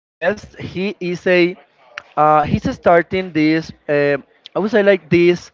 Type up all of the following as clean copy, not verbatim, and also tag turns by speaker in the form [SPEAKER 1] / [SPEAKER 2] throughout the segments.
[SPEAKER 1] guest. He is a he's starting this. I would say like this.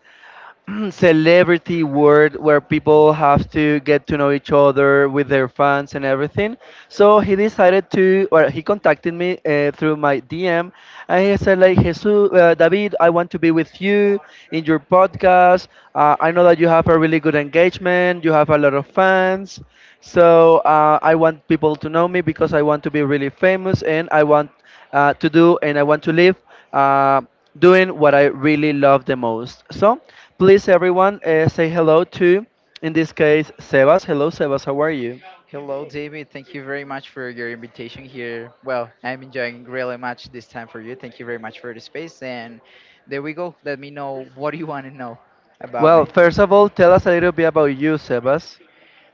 [SPEAKER 1] Celebrity world where people have to get to know each other with their fans and everything. So he decided to, or he contacted me through my DM, and he said like, Jesus, David, I want to be with you in your podcast. I know that you have a really good engagement, you have a lot of fans. So I want people to know me because I want to be really famous and I want to do and I want to live uh, doing what I really love the most. So please, everyone, say hello to, in this case, Sebas. Hello, Sebas, how are you?
[SPEAKER 2] Hello, David. Thank you very much for your invitation here. Well, I'm enjoying really much this time for you. Thank you very much for the space. And there we go. Let me know what do you want to know about
[SPEAKER 1] Well,
[SPEAKER 2] me.
[SPEAKER 1] first of all, tell us a little bit about you, Sebas.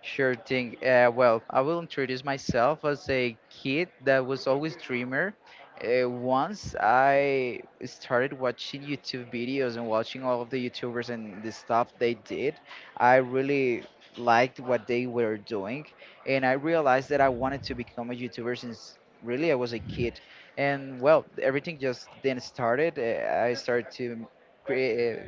[SPEAKER 2] Sure thing. Well, I will introduce myself as a kid that was always dreamer. Once I started watching YouTube videos and watching all of the YouTubers and the stuff they did, I really liked what they were doing, and I realized that I wanted to become a YouTuber since really I was a kid. And well, everything just then started. I started to create,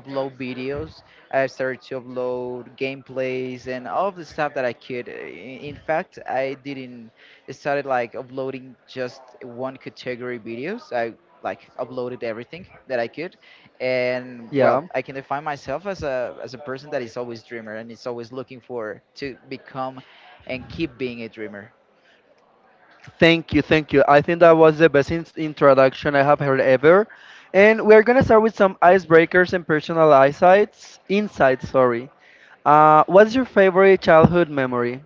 [SPEAKER 2] upload videos I started to upload gameplays and all of the stuff that I could. In fact, I didn't started like uploading just one category videos. I like uploaded everything that I could, and well,
[SPEAKER 1] Yeah.
[SPEAKER 2] I can define myself as a person that is always dreamer and is always looking for to become and keep being a dreamer.
[SPEAKER 1] Thank you, thank you. I think that was the best introduction I have heard ever. And we're gonna start with some icebreakers and personal insights. Insights, sorry. What's your favorite childhood memory?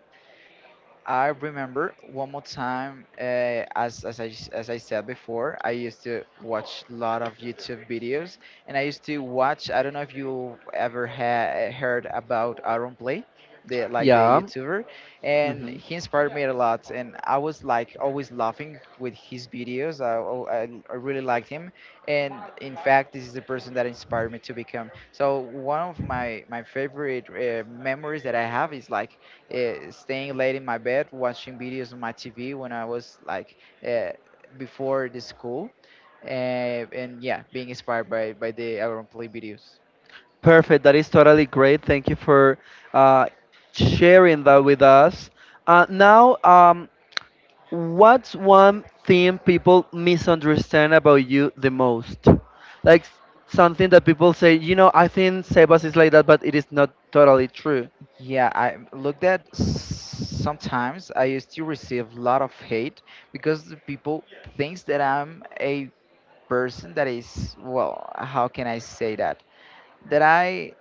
[SPEAKER 2] I remember one more time, as I said before, I used to watch a lot of YouTube videos and I used to watch, I don't know if you ever heard about Aaron Play, like the
[SPEAKER 1] Yeah.
[SPEAKER 2] YouTuber, and
[SPEAKER 1] Mm-hmm.
[SPEAKER 2] he inspired me a lot. And I was like always laughing with his videos. I really liked him. And in fact, this is the person that inspired me to become. So one of my favorite memories that I have is like, staying late in my bed watching videos on my TV when I was like uh, before the school, uh, and yeah, being inspired by the Aaron Play videos.
[SPEAKER 1] Perfect. That is totally great. Thank you for uh, sharing that with us. Now, what's one thing people misunderstand about you the most? Like s- Something that people say, you know, I think Sebas is like that, but it is not totally true.
[SPEAKER 2] Yeah, I looked at sometimes I used to receive a lot of hate because the people thinks that I'm a person that is well, how can I say that? That I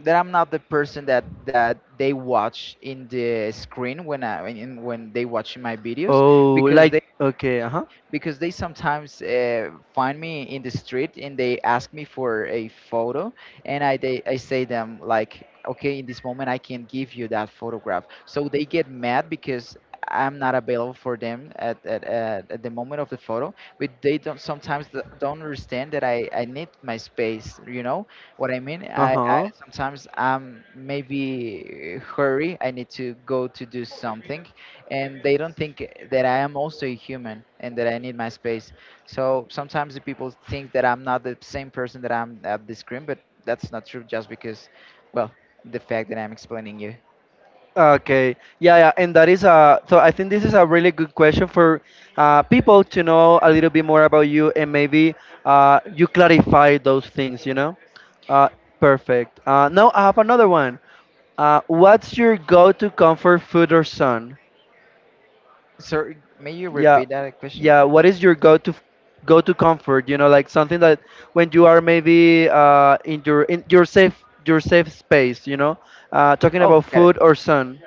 [SPEAKER 2] that I'm not the person that they watch in the screen when when they watching my videos
[SPEAKER 1] Oh,
[SPEAKER 2] because
[SPEAKER 1] like, okay, uh huh,
[SPEAKER 2] they sometimes find me in the street and they ask me for a photo and I say them like okay in this moment I can give you that photograph so they get mad because I'm not available for them at the moment of the photo but they don't sometimes don't understand that I need my space you know what I mean
[SPEAKER 1] uh
[SPEAKER 2] I
[SPEAKER 1] huh.
[SPEAKER 2] sometimes I'm maybe hurry I need to go to do something and they don't think that I am also a human and that I need my space. So sometimes the people think that I'm not the same person that I'm at the screen, but that's not true just because, well, the fact that I'm explaining you.
[SPEAKER 1] Okay. Yeah, yeah, and that is a so I think this is a really good question for people to know a little bit more about you and maybe you clarify those things, you know? Uh, perfect. Now I have another one. What's your go-to comfort food or son?
[SPEAKER 2] So may you
[SPEAKER 1] Yeah,
[SPEAKER 2] repeat that question?
[SPEAKER 1] yeah. What is your go-to comfort? You know, like something that when you are maybe in your safe space, you know, talking
[SPEAKER 2] Oh,
[SPEAKER 1] about
[SPEAKER 2] got
[SPEAKER 1] food
[SPEAKER 2] it.
[SPEAKER 1] or sun.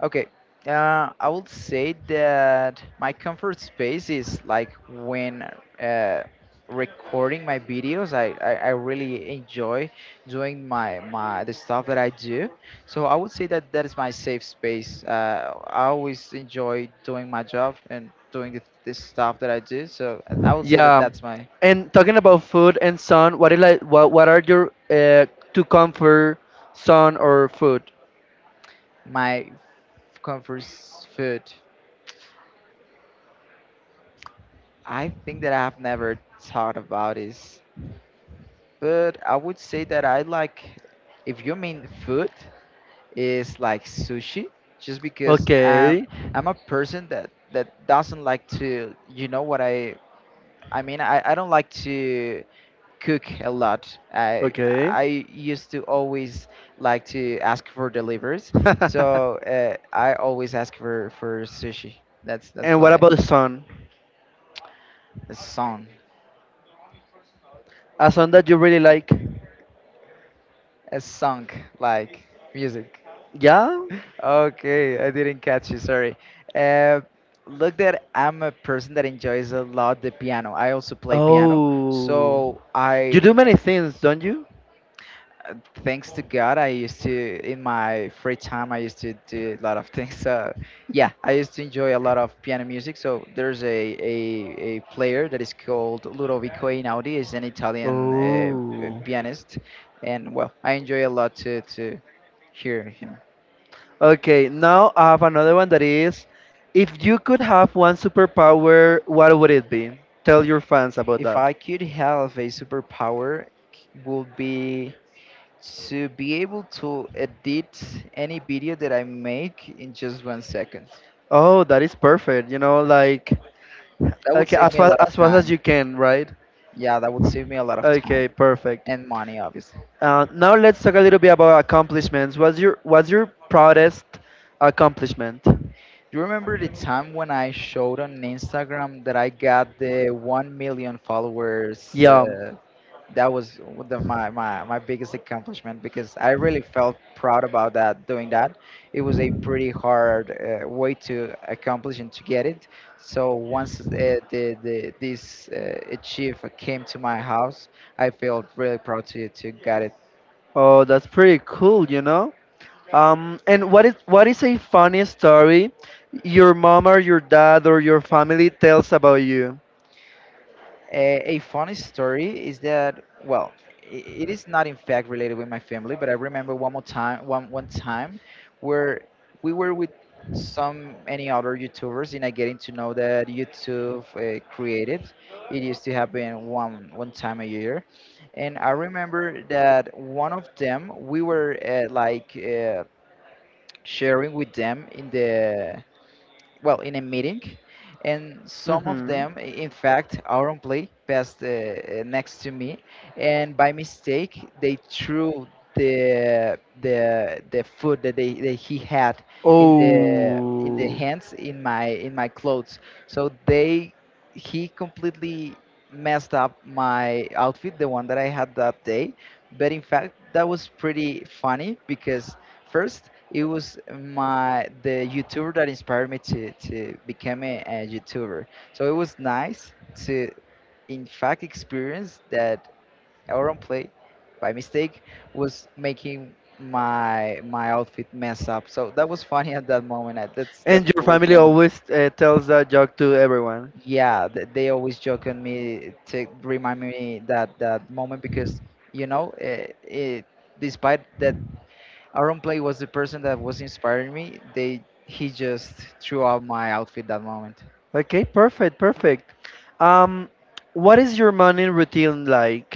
[SPEAKER 2] Okay. I would say that my comfort space is like when uh, recording my videos. I really enjoy doing my the stuff that I do. So I would say that that is my safe space. I always enjoy doing my job and doing the stuff that I do. So I would say that
[SPEAKER 1] Yeah,
[SPEAKER 2] that's my
[SPEAKER 1] and talking about food and sun, what is like what are your to comfort sun or food?
[SPEAKER 2] my comfort food. I think that I have never thought about is. But I would say that I like, if you mean food, is like sushi, just because I'm
[SPEAKER 1] Okay,
[SPEAKER 2] I'm a person that doesn't like to, you know what I mean, I don't like to cook a lot.
[SPEAKER 1] okay.
[SPEAKER 2] I used to always like to ask for deliveries, so I always ask for sushi. That's
[SPEAKER 1] And what
[SPEAKER 2] why
[SPEAKER 1] about the sun?
[SPEAKER 2] a song,
[SPEAKER 1] A sun that you really like?
[SPEAKER 2] a song like music.
[SPEAKER 1] Yeah.
[SPEAKER 2] Okay, I didn't catch you, sorry. Uh, Look that I'm a person that enjoys a lot the piano. I also play piano.
[SPEAKER 1] Oh,
[SPEAKER 2] So
[SPEAKER 1] you
[SPEAKER 2] I,
[SPEAKER 1] do many things, don't you?
[SPEAKER 2] uh, thanks to God, I used to, in my free time, I used to do a lot of things. So yeah, I used to enjoy a lot of piano music. So there's a, a player that is called Ludovico Einaudi. He's an Italian
[SPEAKER 1] Oh.
[SPEAKER 2] pianist. And well, I enjoy a lot to hear him.
[SPEAKER 1] Okay, now I have another one that is, if you could have one superpower, what would it be? Tell your fans about
[SPEAKER 2] If
[SPEAKER 1] that.
[SPEAKER 2] I could have a superpower, would be to be able to edit any video that I make in just 1 second.
[SPEAKER 1] Oh, that is perfect. You know, like
[SPEAKER 2] That would
[SPEAKER 1] okay,
[SPEAKER 2] save
[SPEAKER 1] as
[SPEAKER 2] me a lot of
[SPEAKER 1] fast as
[SPEAKER 2] time.
[SPEAKER 1] you can, right?
[SPEAKER 2] Yeah, that would save me a lot of time
[SPEAKER 1] Okay, perfect.
[SPEAKER 2] and money, obviously.
[SPEAKER 1] Now let's talk a little bit about accomplishments. What's your proudest accomplishment?
[SPEAKER 2] Do you remember the time when I showed on Instagram that I got the 1 million followers?
[SPEAKER 1] Yeah.
[SPEAKER 2] That was one the, my biggest accomplishment because I really felt proud about that doing that. It was a pretty hard way to accomplish and to get it. So once the this achieve came to my house, I felt really proud to get it.
[SPEAKER 1] Oh, that's pretty cool, you know? And what is a funny story your mom or your dad or your family tells about you?
[SPEAKER 2] A funny story is that well, i- it is not in fact related with my family, but I remember one more time, one time, where we were with some any other YouTubers, and I getting to know that YouTube created. It used to happen one time a year, and I remember that one of them we were sharing with them in the well in a meeting and some of
[SPEAKER 1] Mm-hmm.
[SPEAKER 2] them in fact our own play passed next to me and by mistake they threw the food that they that he had in the in the
[SPEAKER 1] Oh.
[SPEAKER 2] hands in my clothes so they he completely messed up my outfit the one that I had that day but in fact that was pretty funny because first it was my the YouTuber that inspired me to become a YouTuber. So it was nice to, in fact, experience that Auron Play, by mistake, was making my outfit mess up. So that was funny at that moment. That's
[SPEAKER 1] And your
[SPEAKER 2] always
[SPEAKER 1] family
[SPEAKER 2] moment.
[SPEAKER 1] always tells that joke to everyone.
[SPEAKER 2] Yeah, they always joke on me to remind me that that moment because you know, despite that Aaron Play was the person that was inspiring me. They He just threw out my outfit that moment.
[SPEAKER 1] Okay, perfect, perfect. Um, what is your morning routine like?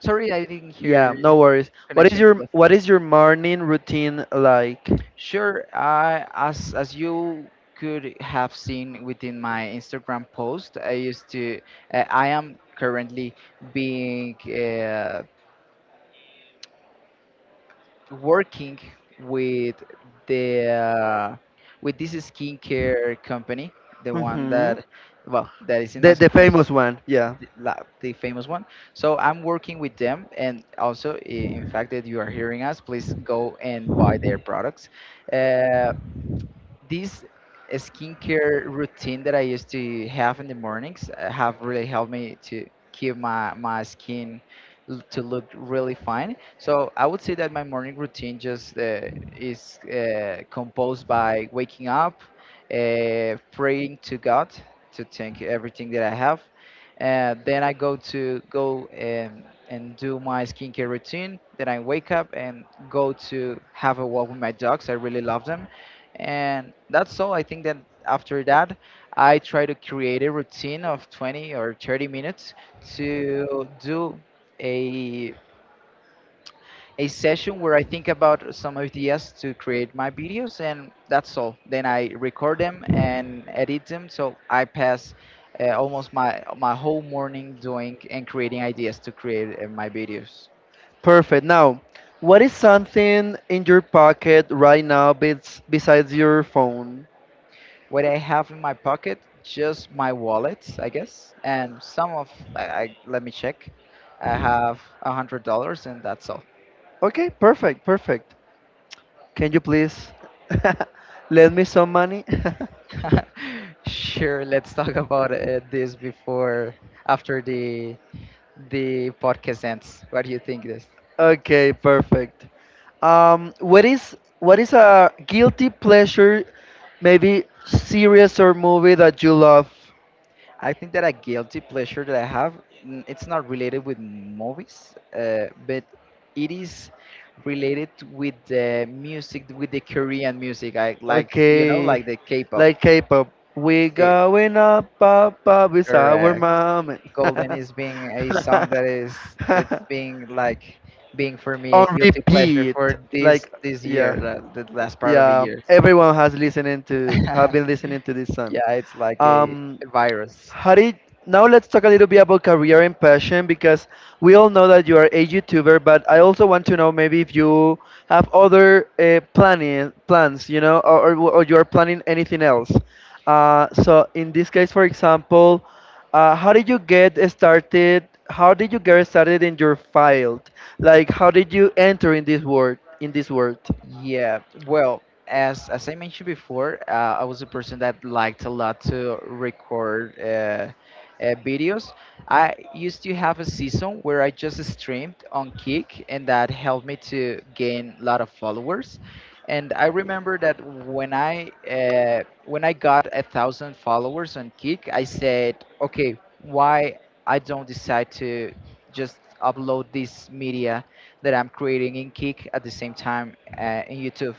[SPEAKER 2] Sorry, I didn't
[SPEAKER 1] Yeah,
[SPEAKER 2] hear
[SPEAKER 1] no worries.
[SPEAKER 2] connection
[SPEAKER 1] What
[SPEAKER 2] closed.
[SPEAKER 1] is your morning routine like?
[SPEAKER 2] Sure, I as you could have seen within my Instagram post, I used to I am currently being working with the with this skincare company, the one
[SPEAKER 1] Mm-hmm.
[SPEAKER 2] that well that is in my,
[SPEAKER 1] The
[SPEAKER 2] my post
[SPEAKER 1] famous one. Yeah.
[SPEAKER 2] the famous one. So I'm working with them, and also, in fact, that you are hearing us, please go and buy their products. Uh, this skincare routine that I used to have in the mornings have really helped me to keep my skin to look really fine. So I would say that my morning routine just is composed by waking up, praying to God to thank everything that I have. Then I go to go and do my skincare routine. Then I wake up and go to have a walk with my dogs. I really love them and that's all. I think that after that I try to create a routine of 20 or 30 minutes to do a a session where I think about some ideas to create my videos and that's all then I record them and edit them so I pass almost my whole morning doing and creating ideas to create my videos.
[SPEAKER 1] Perfect. Now, what is something in your pocket right now besides your phone?
[SPEAKER 2] What I have in my pocket, just my wallet, I guess, and some of. I let me check. I have $100, and that's all.
[SPEAKER 1] Okay, perfect, perfect. Can you please lend me some money?
[SPEAKER 2] Sure, let's talk about this before after the podcast ends. What do you think this?
[SPEAKER 1] Okay, perfect. What is a guilty pleasure, maybe series or movie that you love?
[SPEAKER 2] I think that a guilty pleasure that I have, it's not related with movies, but it is related with the music, with the Korean music. I like, you know,
[SPEAKER 1] Okay,
[SPEAKER 2] like the K-pop.
[SPEAKER 1] like K-pop. We
[SPEAKER 2] Eh,
[SPEAKER 1] going up, up, up with our
[SPEAKER 2] Correct.
[SPEAKER 1] mom.
[SPEAKER 2] Golden is being a song that is that's being like being for me
[SPEAKER 1] On
[SPEAKER 2] a guilty pleasure
[SPEAKER 1] repeat,
[SPEAKER 2] for
[SPEAKER 1] like
[SPEAKER 2] this
[SPEAKER 1] yeah,
[SPEAKER 2] year, the last part of the
[SPEAKER 1] yeah.
[SPEAKER 2] year.
[SPEAKER 1] Everyone has listening to have
[SPEAKER 2] Yeah,
[SPEAKER 1] been listening to this song.
[SPEAKER 2] it's like
[SPEAKER 1] Um,
[SPEAKER 2] a virus.
[SPEAKER 1] How did Now let's talk a little bit about career and passion because we all know that you are a YouTuber, but I also want to know maybe if you have other planning plans, you know, or you are planning anything else. So in this case, for example, how did you get started? How did you get started in your field? Like, how did you enter in this world?
[SPEAKER 2] Yeah, well, as I mentioned before, I was a person that liked a lot to record videos. I used to have a season where I just streamed on Kick, and that helped me to gain a lot of followers. And I remember that when I got 1,000 followers on Kick, I said, okay, why I don't decide to just upload this media that I'm creating in Kick at the same time in YouTube.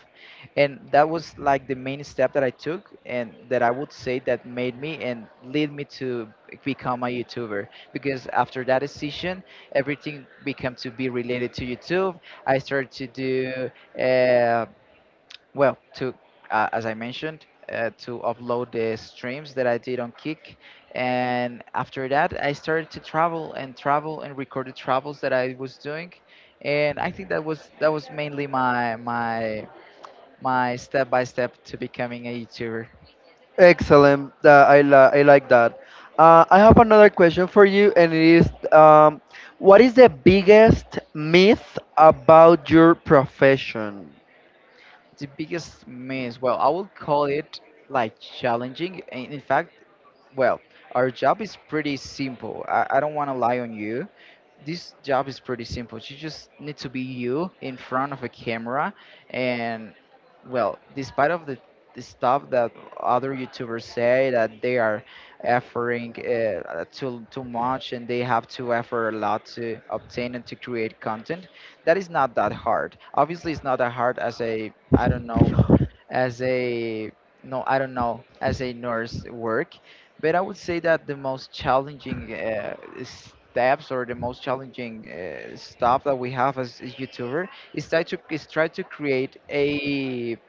[SPEAKER 2] And that was like the main step that I took and that I would say that made me and lead me to become a YouTuber because after that decision, everything became to be related to YouTube. I started to do, well, to as I mentioned, to upload the streams that I did on Kick, and after that, I started to travel and travel and record the travels that I was doing, and I think that was mainly my step by step to becoming a YouTuber.
[SPEAKER 1] Excellent. That I like that. I have another question for you, and it is, um, what is the biggest myth about your profession?
[SPEAKER 2] The biggest miss, well, I would call it like challenging. And in fact, well, our job is pretty simple. I don't want to lie on you. This job is pretty simple. You just need to be you in front of a camera and, well, despite of the stuff that other YouTubers say that they are efforting too much and they have to effort a lot to obtain and to create content, that is not that hard. Obviously, it's not that hard as a, I don't know, as a, no, I don't know, as a nurse work, but I would say that the most challenging steps or the most challenging stuff that we have as a YouTuber is try to create a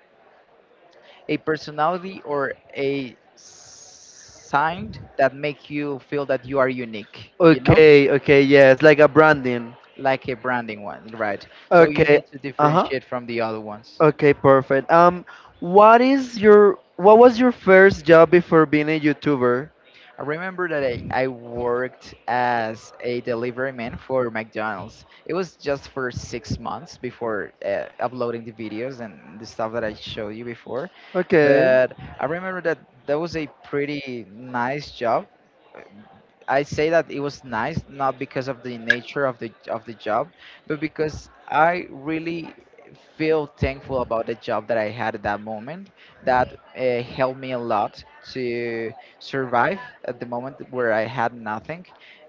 [SPEAKER 2] personality or a sign that make you feel that you are unique.
[SPEAKER 1] Okay, okay, yes, like a branding.
[SPEAKER 2] Like a branding one, right? So you
[SPEAKER 1] Okay,
[SPEAKER 2] need to
[SPEAKER 1] uh-huh.
[SPEAKER 2] differentiate from the other ones.
[SPEAKER 1] Okay, perfect. What was your first job before being a YouTuber?
[SPEAKER 2] I remember that I worked as a delivery man for McDonald's. It was just for 6 months before uploading the videos and the stuff that I showed you before.
[SPEAKER 1] Okay.
[SPEAKER 2] But I remember that was a pretty nice job. I say that it was nice not because of the nature of the job, but because I really feel thankful about the job that I had at that moment. That helped me a lot to survive at the moment where I had nothing,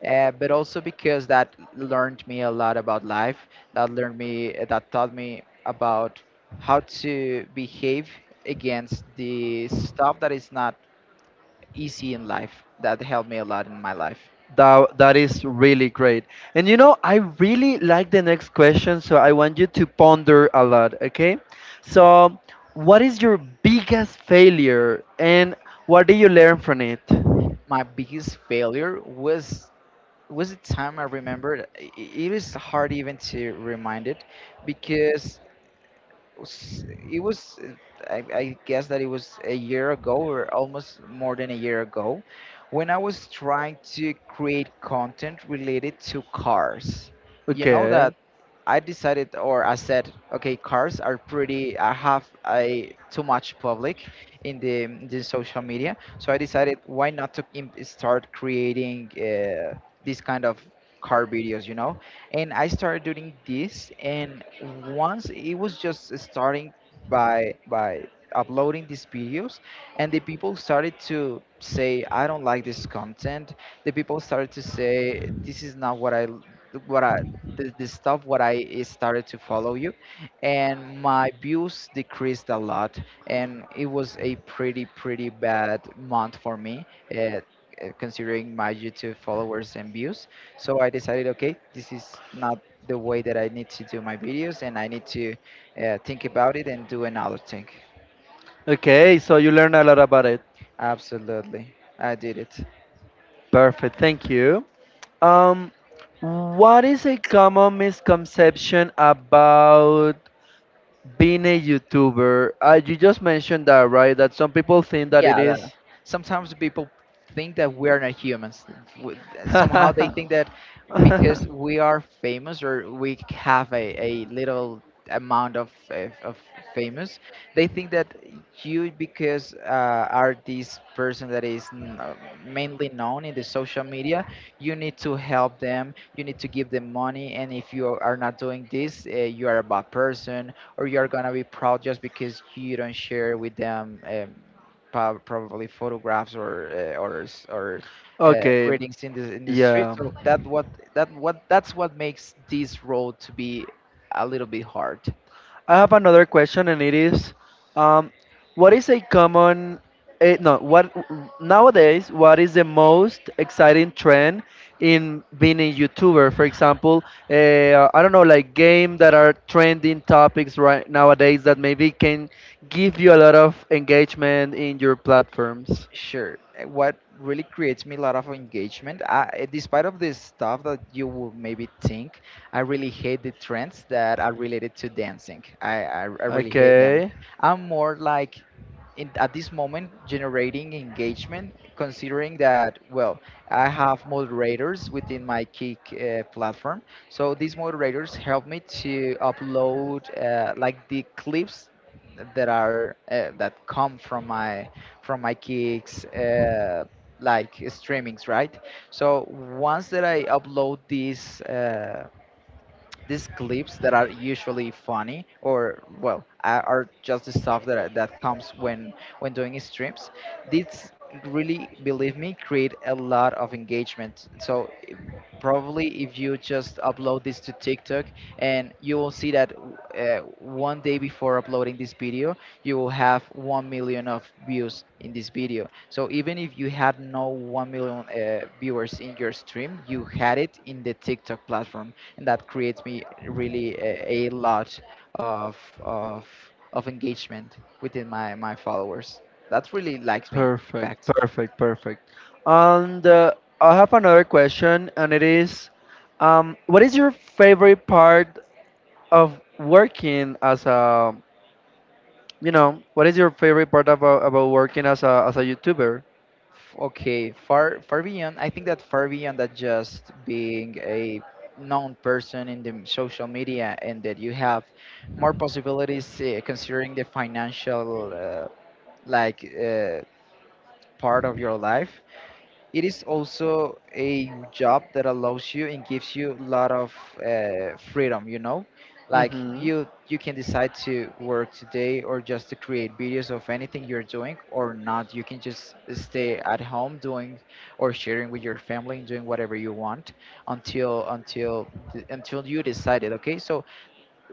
[SPEAKER 2] but also because that learned me a lot about life. That learned me, that taught me about how to behave against the stuff that is not easy in life. That helped me a lot in my life.
[SPEAKER 1] That, that is really great. And you know, I really like the next question, so I want you to ponder a lot, okay? So, what is your biggest failure and what did you learn from it?
[SPEAKER 2] My biggest failure was the time I remembered. It is hard even to remind it because was- it was I guess that it was a year ago or almost more than a year ago when I was trying to create content related to cars. You know
[SPEAKER 1] Okay.
[SPEAKER 2] that I decided, or I said, okay, cars are pretty, I have a too much public in the social media, so I decided, why not to start creating this kind of car videos, you know? And I started doing this. And once it was just starting by uploading these videos, and the people started to say, "I don't like this content." The people started to say, "This is not what I l- what I." The stuff what I, started to follow you, and my views decreased a lot, and it was a pretty bad month for me, uh, considering my YouTube followers and views. So I decided, okay, this is not the way that I need to do my videos, and I need to, think about it and do another thing.
[SPEAKER 1] Okay, so you learned a lot about it.
[SPEAKER 2] Absolutely, I did it.
[SPEAKER 1] Perfect, thank you. Um, what is a common misconception about being a YouTuber? You just mentioned that, right? That some people think that it
[SPEAKER 2] Yeah,
[SPEAKER 1] is.
[SPEAKER 2] that, sometimes people think that we are not humans. W- Somehow they think that because we are famous or we have a little amount of famous, they think that you, because are this person that is mainly known in the social media, you need to help them, you need to give them money, and if you are not doing this, you are a bad person or you're gonna be proud just because you don't share with them. Probably photographs or
[SPEAKER 1] Okay,
[SPEAKER 2] greetings in the street.
[SPEAKER 1] yeah.
[SPEAKER 2] So that's what makes this road to be a little bit hard.
[SPEAKER 1] I have another question, and it is, um, what is a common, eh, no, what nowadays, what is the most exciting trend in being a YouTuber? For example, I don't know, like game that are trending topics right nowadays that maybe can give you a lot of engagement in your platforms.
[SPEAKER 2] Sure. What really creates me a lot of engagement, despite of this stuff that you would maybe think, I really hate the trends that are related to dancing. I really hate them.
[SPEAKER 1] Okay.
[SPEAKER 2] I'm more like in, at this moment generating engagement, considering that, well, I have moderators within my Kick platform. So these moderators help me to upload like the clips that are that come from my kicks, like streamings, right? So once that I upload these clips that are usually funny, or well, are just the stuff that comes when doing streams, these, really believe me, create a lot of engagement. Probably if you just upload this to TikTok and you will see that, one day before uploading this video, you will have 1 million of views in this video. So even if you had no 1 million viewers in your stream, you had it in the TikTok platform, and that creates me really a lot of of of engagement within my followers. That really likes me, in
[SPEAKER 1] Perfect,
[SPEAKER 2] fact.
[SPEAKER 1] perfect, perfect. And I have another question, and it is, what is your favorite part of working as a, you know, what is your favorite part about working as a YouTuber?
[SPEAKER 2] Okay, far far beyond. I think that far beyond that just being a known person in the social media, and that you have more possibilities, considering the financial, like uh, part of your life. It is also a job that allows you and gives you a lot of freedom, you know? Like,
[SPEAKER 1] Mm-hmm.
[SPEAKER 2] you can decide to work today or just to create videos of anything you're doing or not. You can just stay at home doing or sharing with your family and doing whatever you want until you decided, okay? So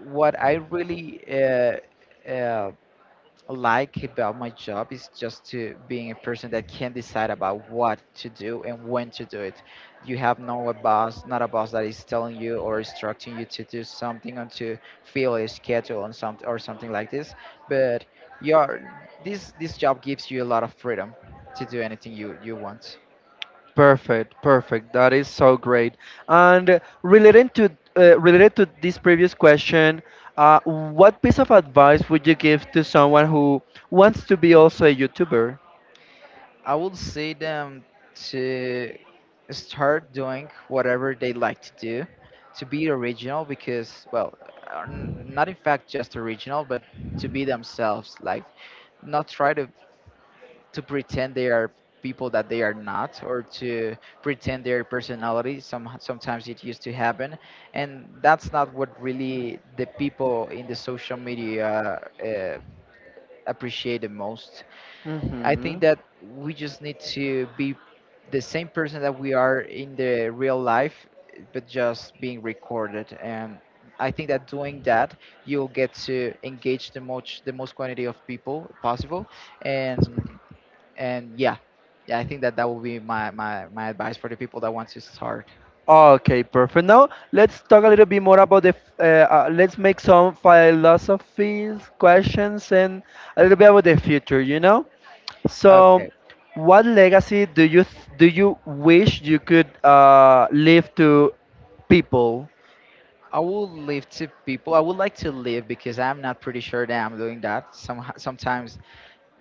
[SPEAKER 2] what I really uh, like about my job is just to being a person that can decide about what to do and when to do it. You have no a boss, not a boss that is telling you or instructing you to do something or to fill a schedule on some or something like this. But your, this job gives you a lot of freedom to do anything you want.
[SPEAKER 1] Perfect, perfect. That is so great. And relating to related to this previous question, what piece of advice would you give to someone who wants to be also a YouTuber?
[SPEAKER 2] I would say them to start doing whatever they like to do, to be original because, well, not in fact just original, but to be themselves. Like, not try to pretend they are people that they are not, or to pretend their personality. Sometimes it used to happen, and that's not what really the people in the social media appreciate the most. I think
[SPEAKER 1] Mm-hmm.
[SPEAKER 2] that we just need to be the same person that we are in the real life, but just being recorded. And I think that doing that, you'll get to engage the most quantity of people possible. And and yeah, yeah, I think that that will be my my advice for the people that want to start.
[SPEAKER 1] Okay, perfect. Now let's talk a little bit more about let's make some philosophies, questions, and a little bit about the future. You know. So,
[SPEAKER 2] Okay.
[SPEAKER 1] what legacy do do you wish you could leave to people?
[SPEAKER 2] I will leave to people. I would like to leave because I'm not pretty sure that I'm doing that. Sometimes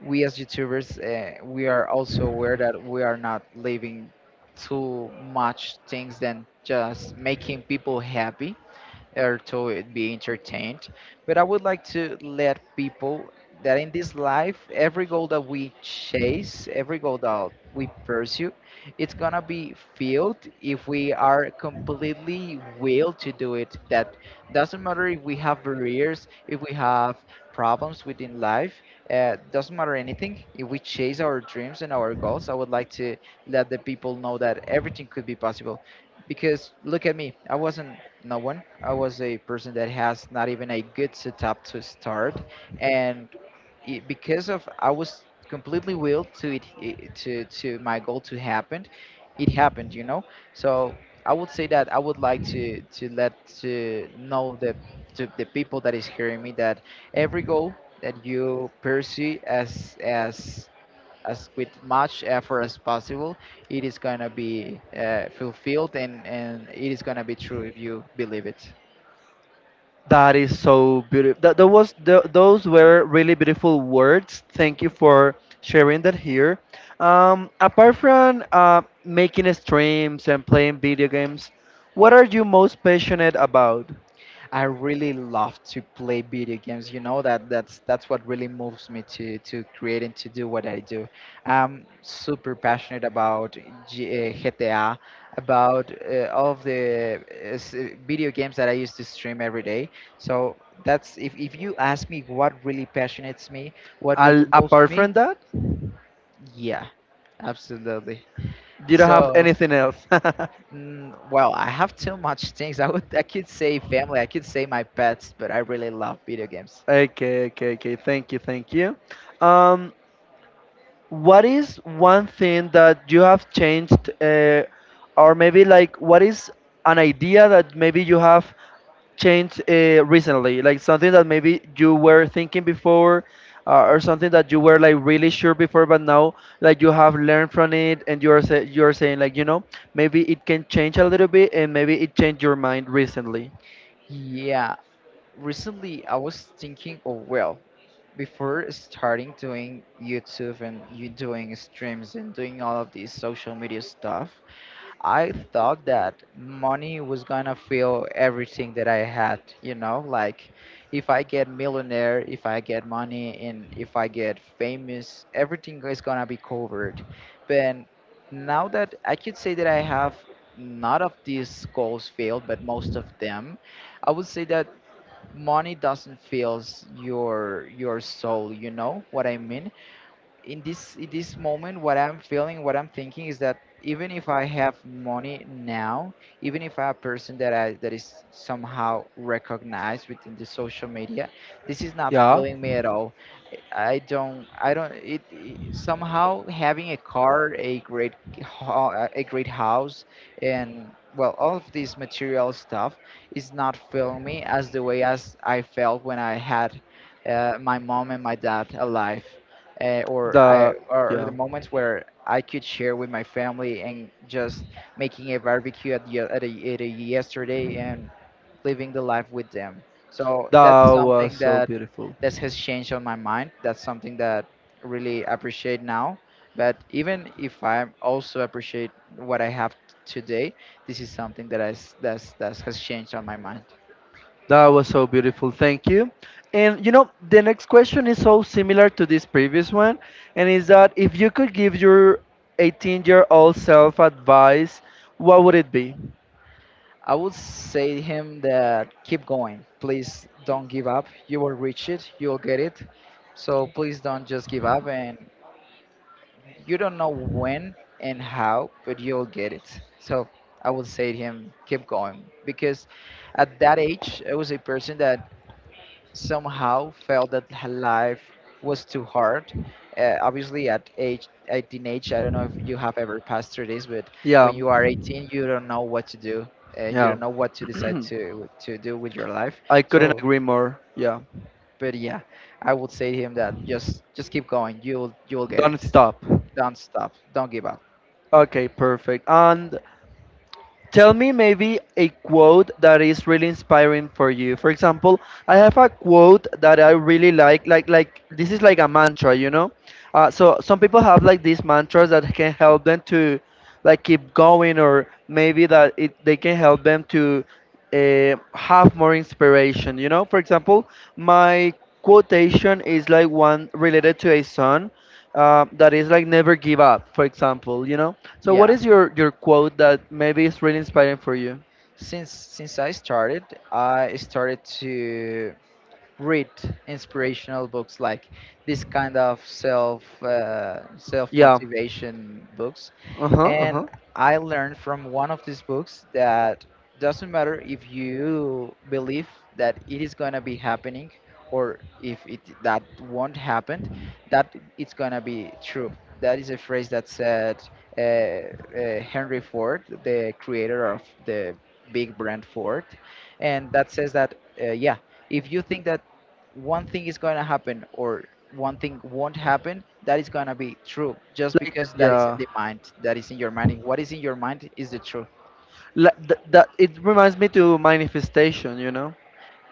[SPEAKER 2] we as YouTubers, we are also aware that we are not leaving too much things than just making people happy or to be entertained. But I would like to let people that in this life, every goal that we chase, every goal that we pursue, it's gonna be filled if we are completely will to do it. That doesn't matter if we have barriers, if we have problems within life, doesn't matter anything. If we chase our dreams and our goals, I would like to let the people know that everything could be possible, because look at me, I wasn't no one, I was a person that has not even a good setup to start. And it, because of I was completely willed to to my goal to happen, it happened, you know? So I would say that I would like to let to know the to the people that is hearing me that every goal that you pursue as with much effort as possible, it is gonna be fulfilled, and it is gonna be true if you believe it.
[SPEAKER 1] That is so beautiful. Those were really beautiful words. Thank you for sharing that here. Apart from making streams and playing video games, what are you most passionate about?
[SPEAKER 2] I really love to play video games. You know that that's what really moves me to create and to do what I do. I'm super passionate about GTA, about all of the video games that I used to stream every day. So that's, if you ask me what really passionates me, what really
[SPEAKER 1] Al
[SPEAKER 2] moves
[SPEAKER 1] apart
[SPEAKER 2] me,
[SPEAKER 1] from that,
[SPEAKER 2] yeah, absolutely.
[SPEAKER 1] you don't have
[SPEAKER 2] So,
[SPEAKER 1] anything else.
[SPEAKER 2] well, I have too much things. I would, I could say family, I could say my pets, but I really love video games.
[SPEAKER 1] Okay, okay, okay. Thank you, thank you. Um, what is one thing that you have changed or maybe like what is an idea that maybe you have changed recently, like something that maybe you were thinking before or something that you were like really sure before but now like you have learned from it and you're saying like you know maybe it can change a little bit and maybe it changed your mind recently,
[SPEAKER 2] Yeah, recently I was thinking of, well, before starting doing YouTube and you doing streams and doing all of these social media stuff, I thought that money was gonna fill everything that I had, you know, like if I get millionaire, if I get money and if I get famous, everything is gonna be covered. But now that I could say that I have not of these goals failed, but most of them, I would say that money doesn't fills your soul, you know what I mean? In this moment, what I'm feeling, what I'm thinking is that even if I have money now, even if I'm a person that is somehow recognized within the social media, this is not
[SPEAKER 1] yeah,
[SPEAKER 2] filling me at all. I don't i don't it, it somehow having a car, a great a great house, and well, all of this material stuff is not filling me as the way as I felt when I had my mom and my dad alive, or I
[SPEAKER 1] the
[SPEAKER 2] or the
[SPEAKER 1] yeah,
[SPEAKER 2] moments where I could share with my family and just making a barbecue at, ye- at a yesterday and living the life with them. So that's
[SPEAKER 1] that
[SPEAKER 2] something
[SPEAKER 1] was so
[SPEAKER 2] that
[SPEAKER 1] beautiful.
[SPEAKER 2] that has changed on my mind. That's something that really appreciate now. But even if I also appreciate what I have today, this is something that I s- that's that has changed on my mind.
[SPEAKER 1] That was so beautiful. Thank you. And you know, the next question is so similar to this previous one, and is that if you could give your 18-year-old self advice, what would it be?
[SPEAKER 2] I would say to him that keep going. Please don't give up. You will reach it. You'll get it. So please don't just give up. And you don't know when and how, but you'll get it. So I would say to him, keep going. Because at that age, I was a person that somehow felt that her life was too hard. Obviously, at teenage, I don't know if you have ever passed through this, but
[SPEAKER 1] Yeah,
[SPEAKER 2] when you are 18, you don't know what to do. You
[SPEAKER 1] yeah.
[SPEAKER 2] don't know what to decide to do with your life.
[SPEAKER 1] I couldn't
[SPEAKER 2] So,
[SPEAKER 1] agree more. Yeah.
[SPEAKER 2] but yeah, I would say to him that just keep going. You'll get
[SPEAKER 1] Don't
[SPEAKER 2] it.
[SPEAKER 1] stop.
[SPEAKER 2] Don't stop. Don't give up.
[SPEAKER 1] Okay, perfect. And tell me maybe a quote that is really inspiring for you. For example, I have a quote that I really like. Like this is like a mantra, you know. So some people have like these mantras that can help them to like keep going, or maybe that it they can help them to have more inspiration, you know. For example, my quotation is like one related to a song that is like never give up. For example, you know, so what
[SPEAKER 2] Yeah.
[SPEAKER 1] is your quote that maybe is really inspiring for you?
[SPEAKER 2] Since I started to read inspirational books, like this kind of self
[SPEAKER 1] Yeah.
[SPEAKER 2] motivation books,
[SPEAKER 1] Uh-huh,
[SPEAKER 2] and
[SPEAKER 1] uh-huh.
[SPEAKER 2] I learned from one of these books that doesn't matter if you believe that it is going to be happening, or if it that won't happen, that it's going to be true. That is a phrase that said Henry Ford, the creator of the big brand Ford, and that says that, yeah, if you think that one thing is going to happen or one thing won't happen, that is going to be true just
[SPEAKER 1] Like
[SPEAKER 2] because that is
[SPEAKER 1] yeah.
[SPEAKER 2] in the mind, that is in your mind, and what is in your mind is the truth.
[SPEAKER 1] Like th That it reminds me to manifestation, you know?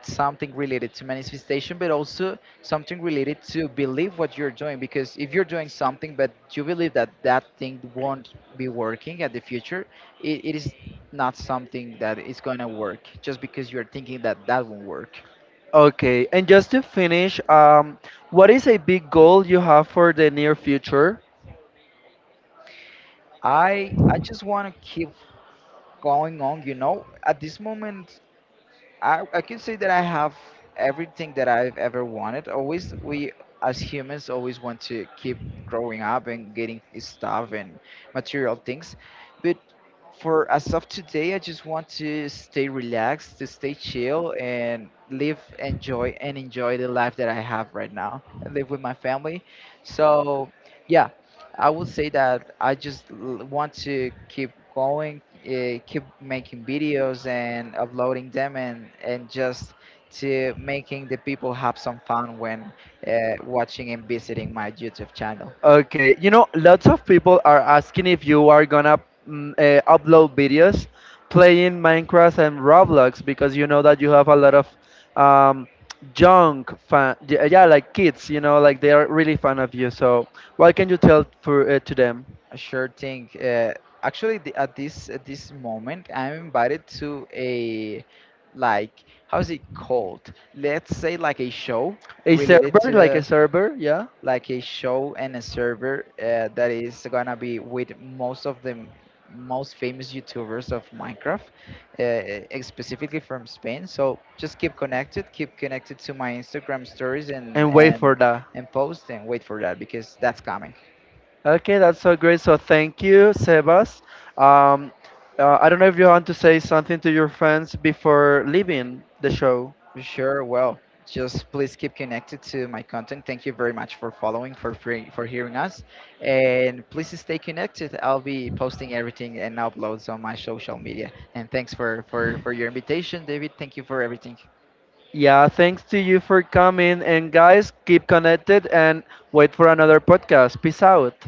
[SPEAKER 2] Something related to manifestation, but also something related to believe what you're doing, because if you're doing something but you believe that that thing won't be working at the future, it is not something that is going to work just because you're thinking that that won't work.
[SPEAKER 1] Okay. And just to finish, um, what is a big goal you have for the near future?
[SPEAKER 2] I just want to keep going on, you know. At this moment, I can say that I have everything that I've ever wanted. Always, we as humans always want to keep growing up and getting stuff and material things. But for as of today, I just want to stay relaxed, to stay chill, and live, enjoy, and enjoy the life that I have right now, and live with my family. So, yeah, I would say that I just want to keep going, keep making videos and uploading them, and just to making the people have some fun when uh, watching and visiting my YouTube channel.
[SPEAKER 1] Okay, you know, lots of people are asking if you are gonna upload videos playing Minecraft and Roblox because you know that you have a lot of um, young fan, yeah, yeah, like kids, you know, like they are really fan of you. So, what can you tell for to them?
[SPEAKER 2] I sure thing. Actually, at this moment, I'm invited to a, like, how is it called? Let's say like a show
[SPEAKER 1] A
[SPEAKER 2] related
[SPEAKER 1] server, like a
[SPEAKER 2] to,
[SPEAKER 1] server, yeah,
[SPEAKER 2] like a show and a server, that is gonna be with most of the most famous YouTubers of Minecraft, specifically from Spain. So just keep connected to my Instagram stories and
[SPEAKER 1] and wait for that.
[SPEAKER 2] post, and wait for that because that's coming.
[SPEAKER 1] Okay, that's so great. So, thank you, Sebas. Um, I don't know if you want to say something to your fans before leaving the show.
[SPEAKER 2] Sure. Well, just please keep connected to my content. Thank you very much for following, for free, for hearing us, and please stay connected. I'll be posting everything and uploads on my social media. And thanks for your invitation, David. Thank you for everything.
[SPEAKER 1] Yeah, thanks to you for coming. And guys, keep connected and wait for another podcast. Peace out.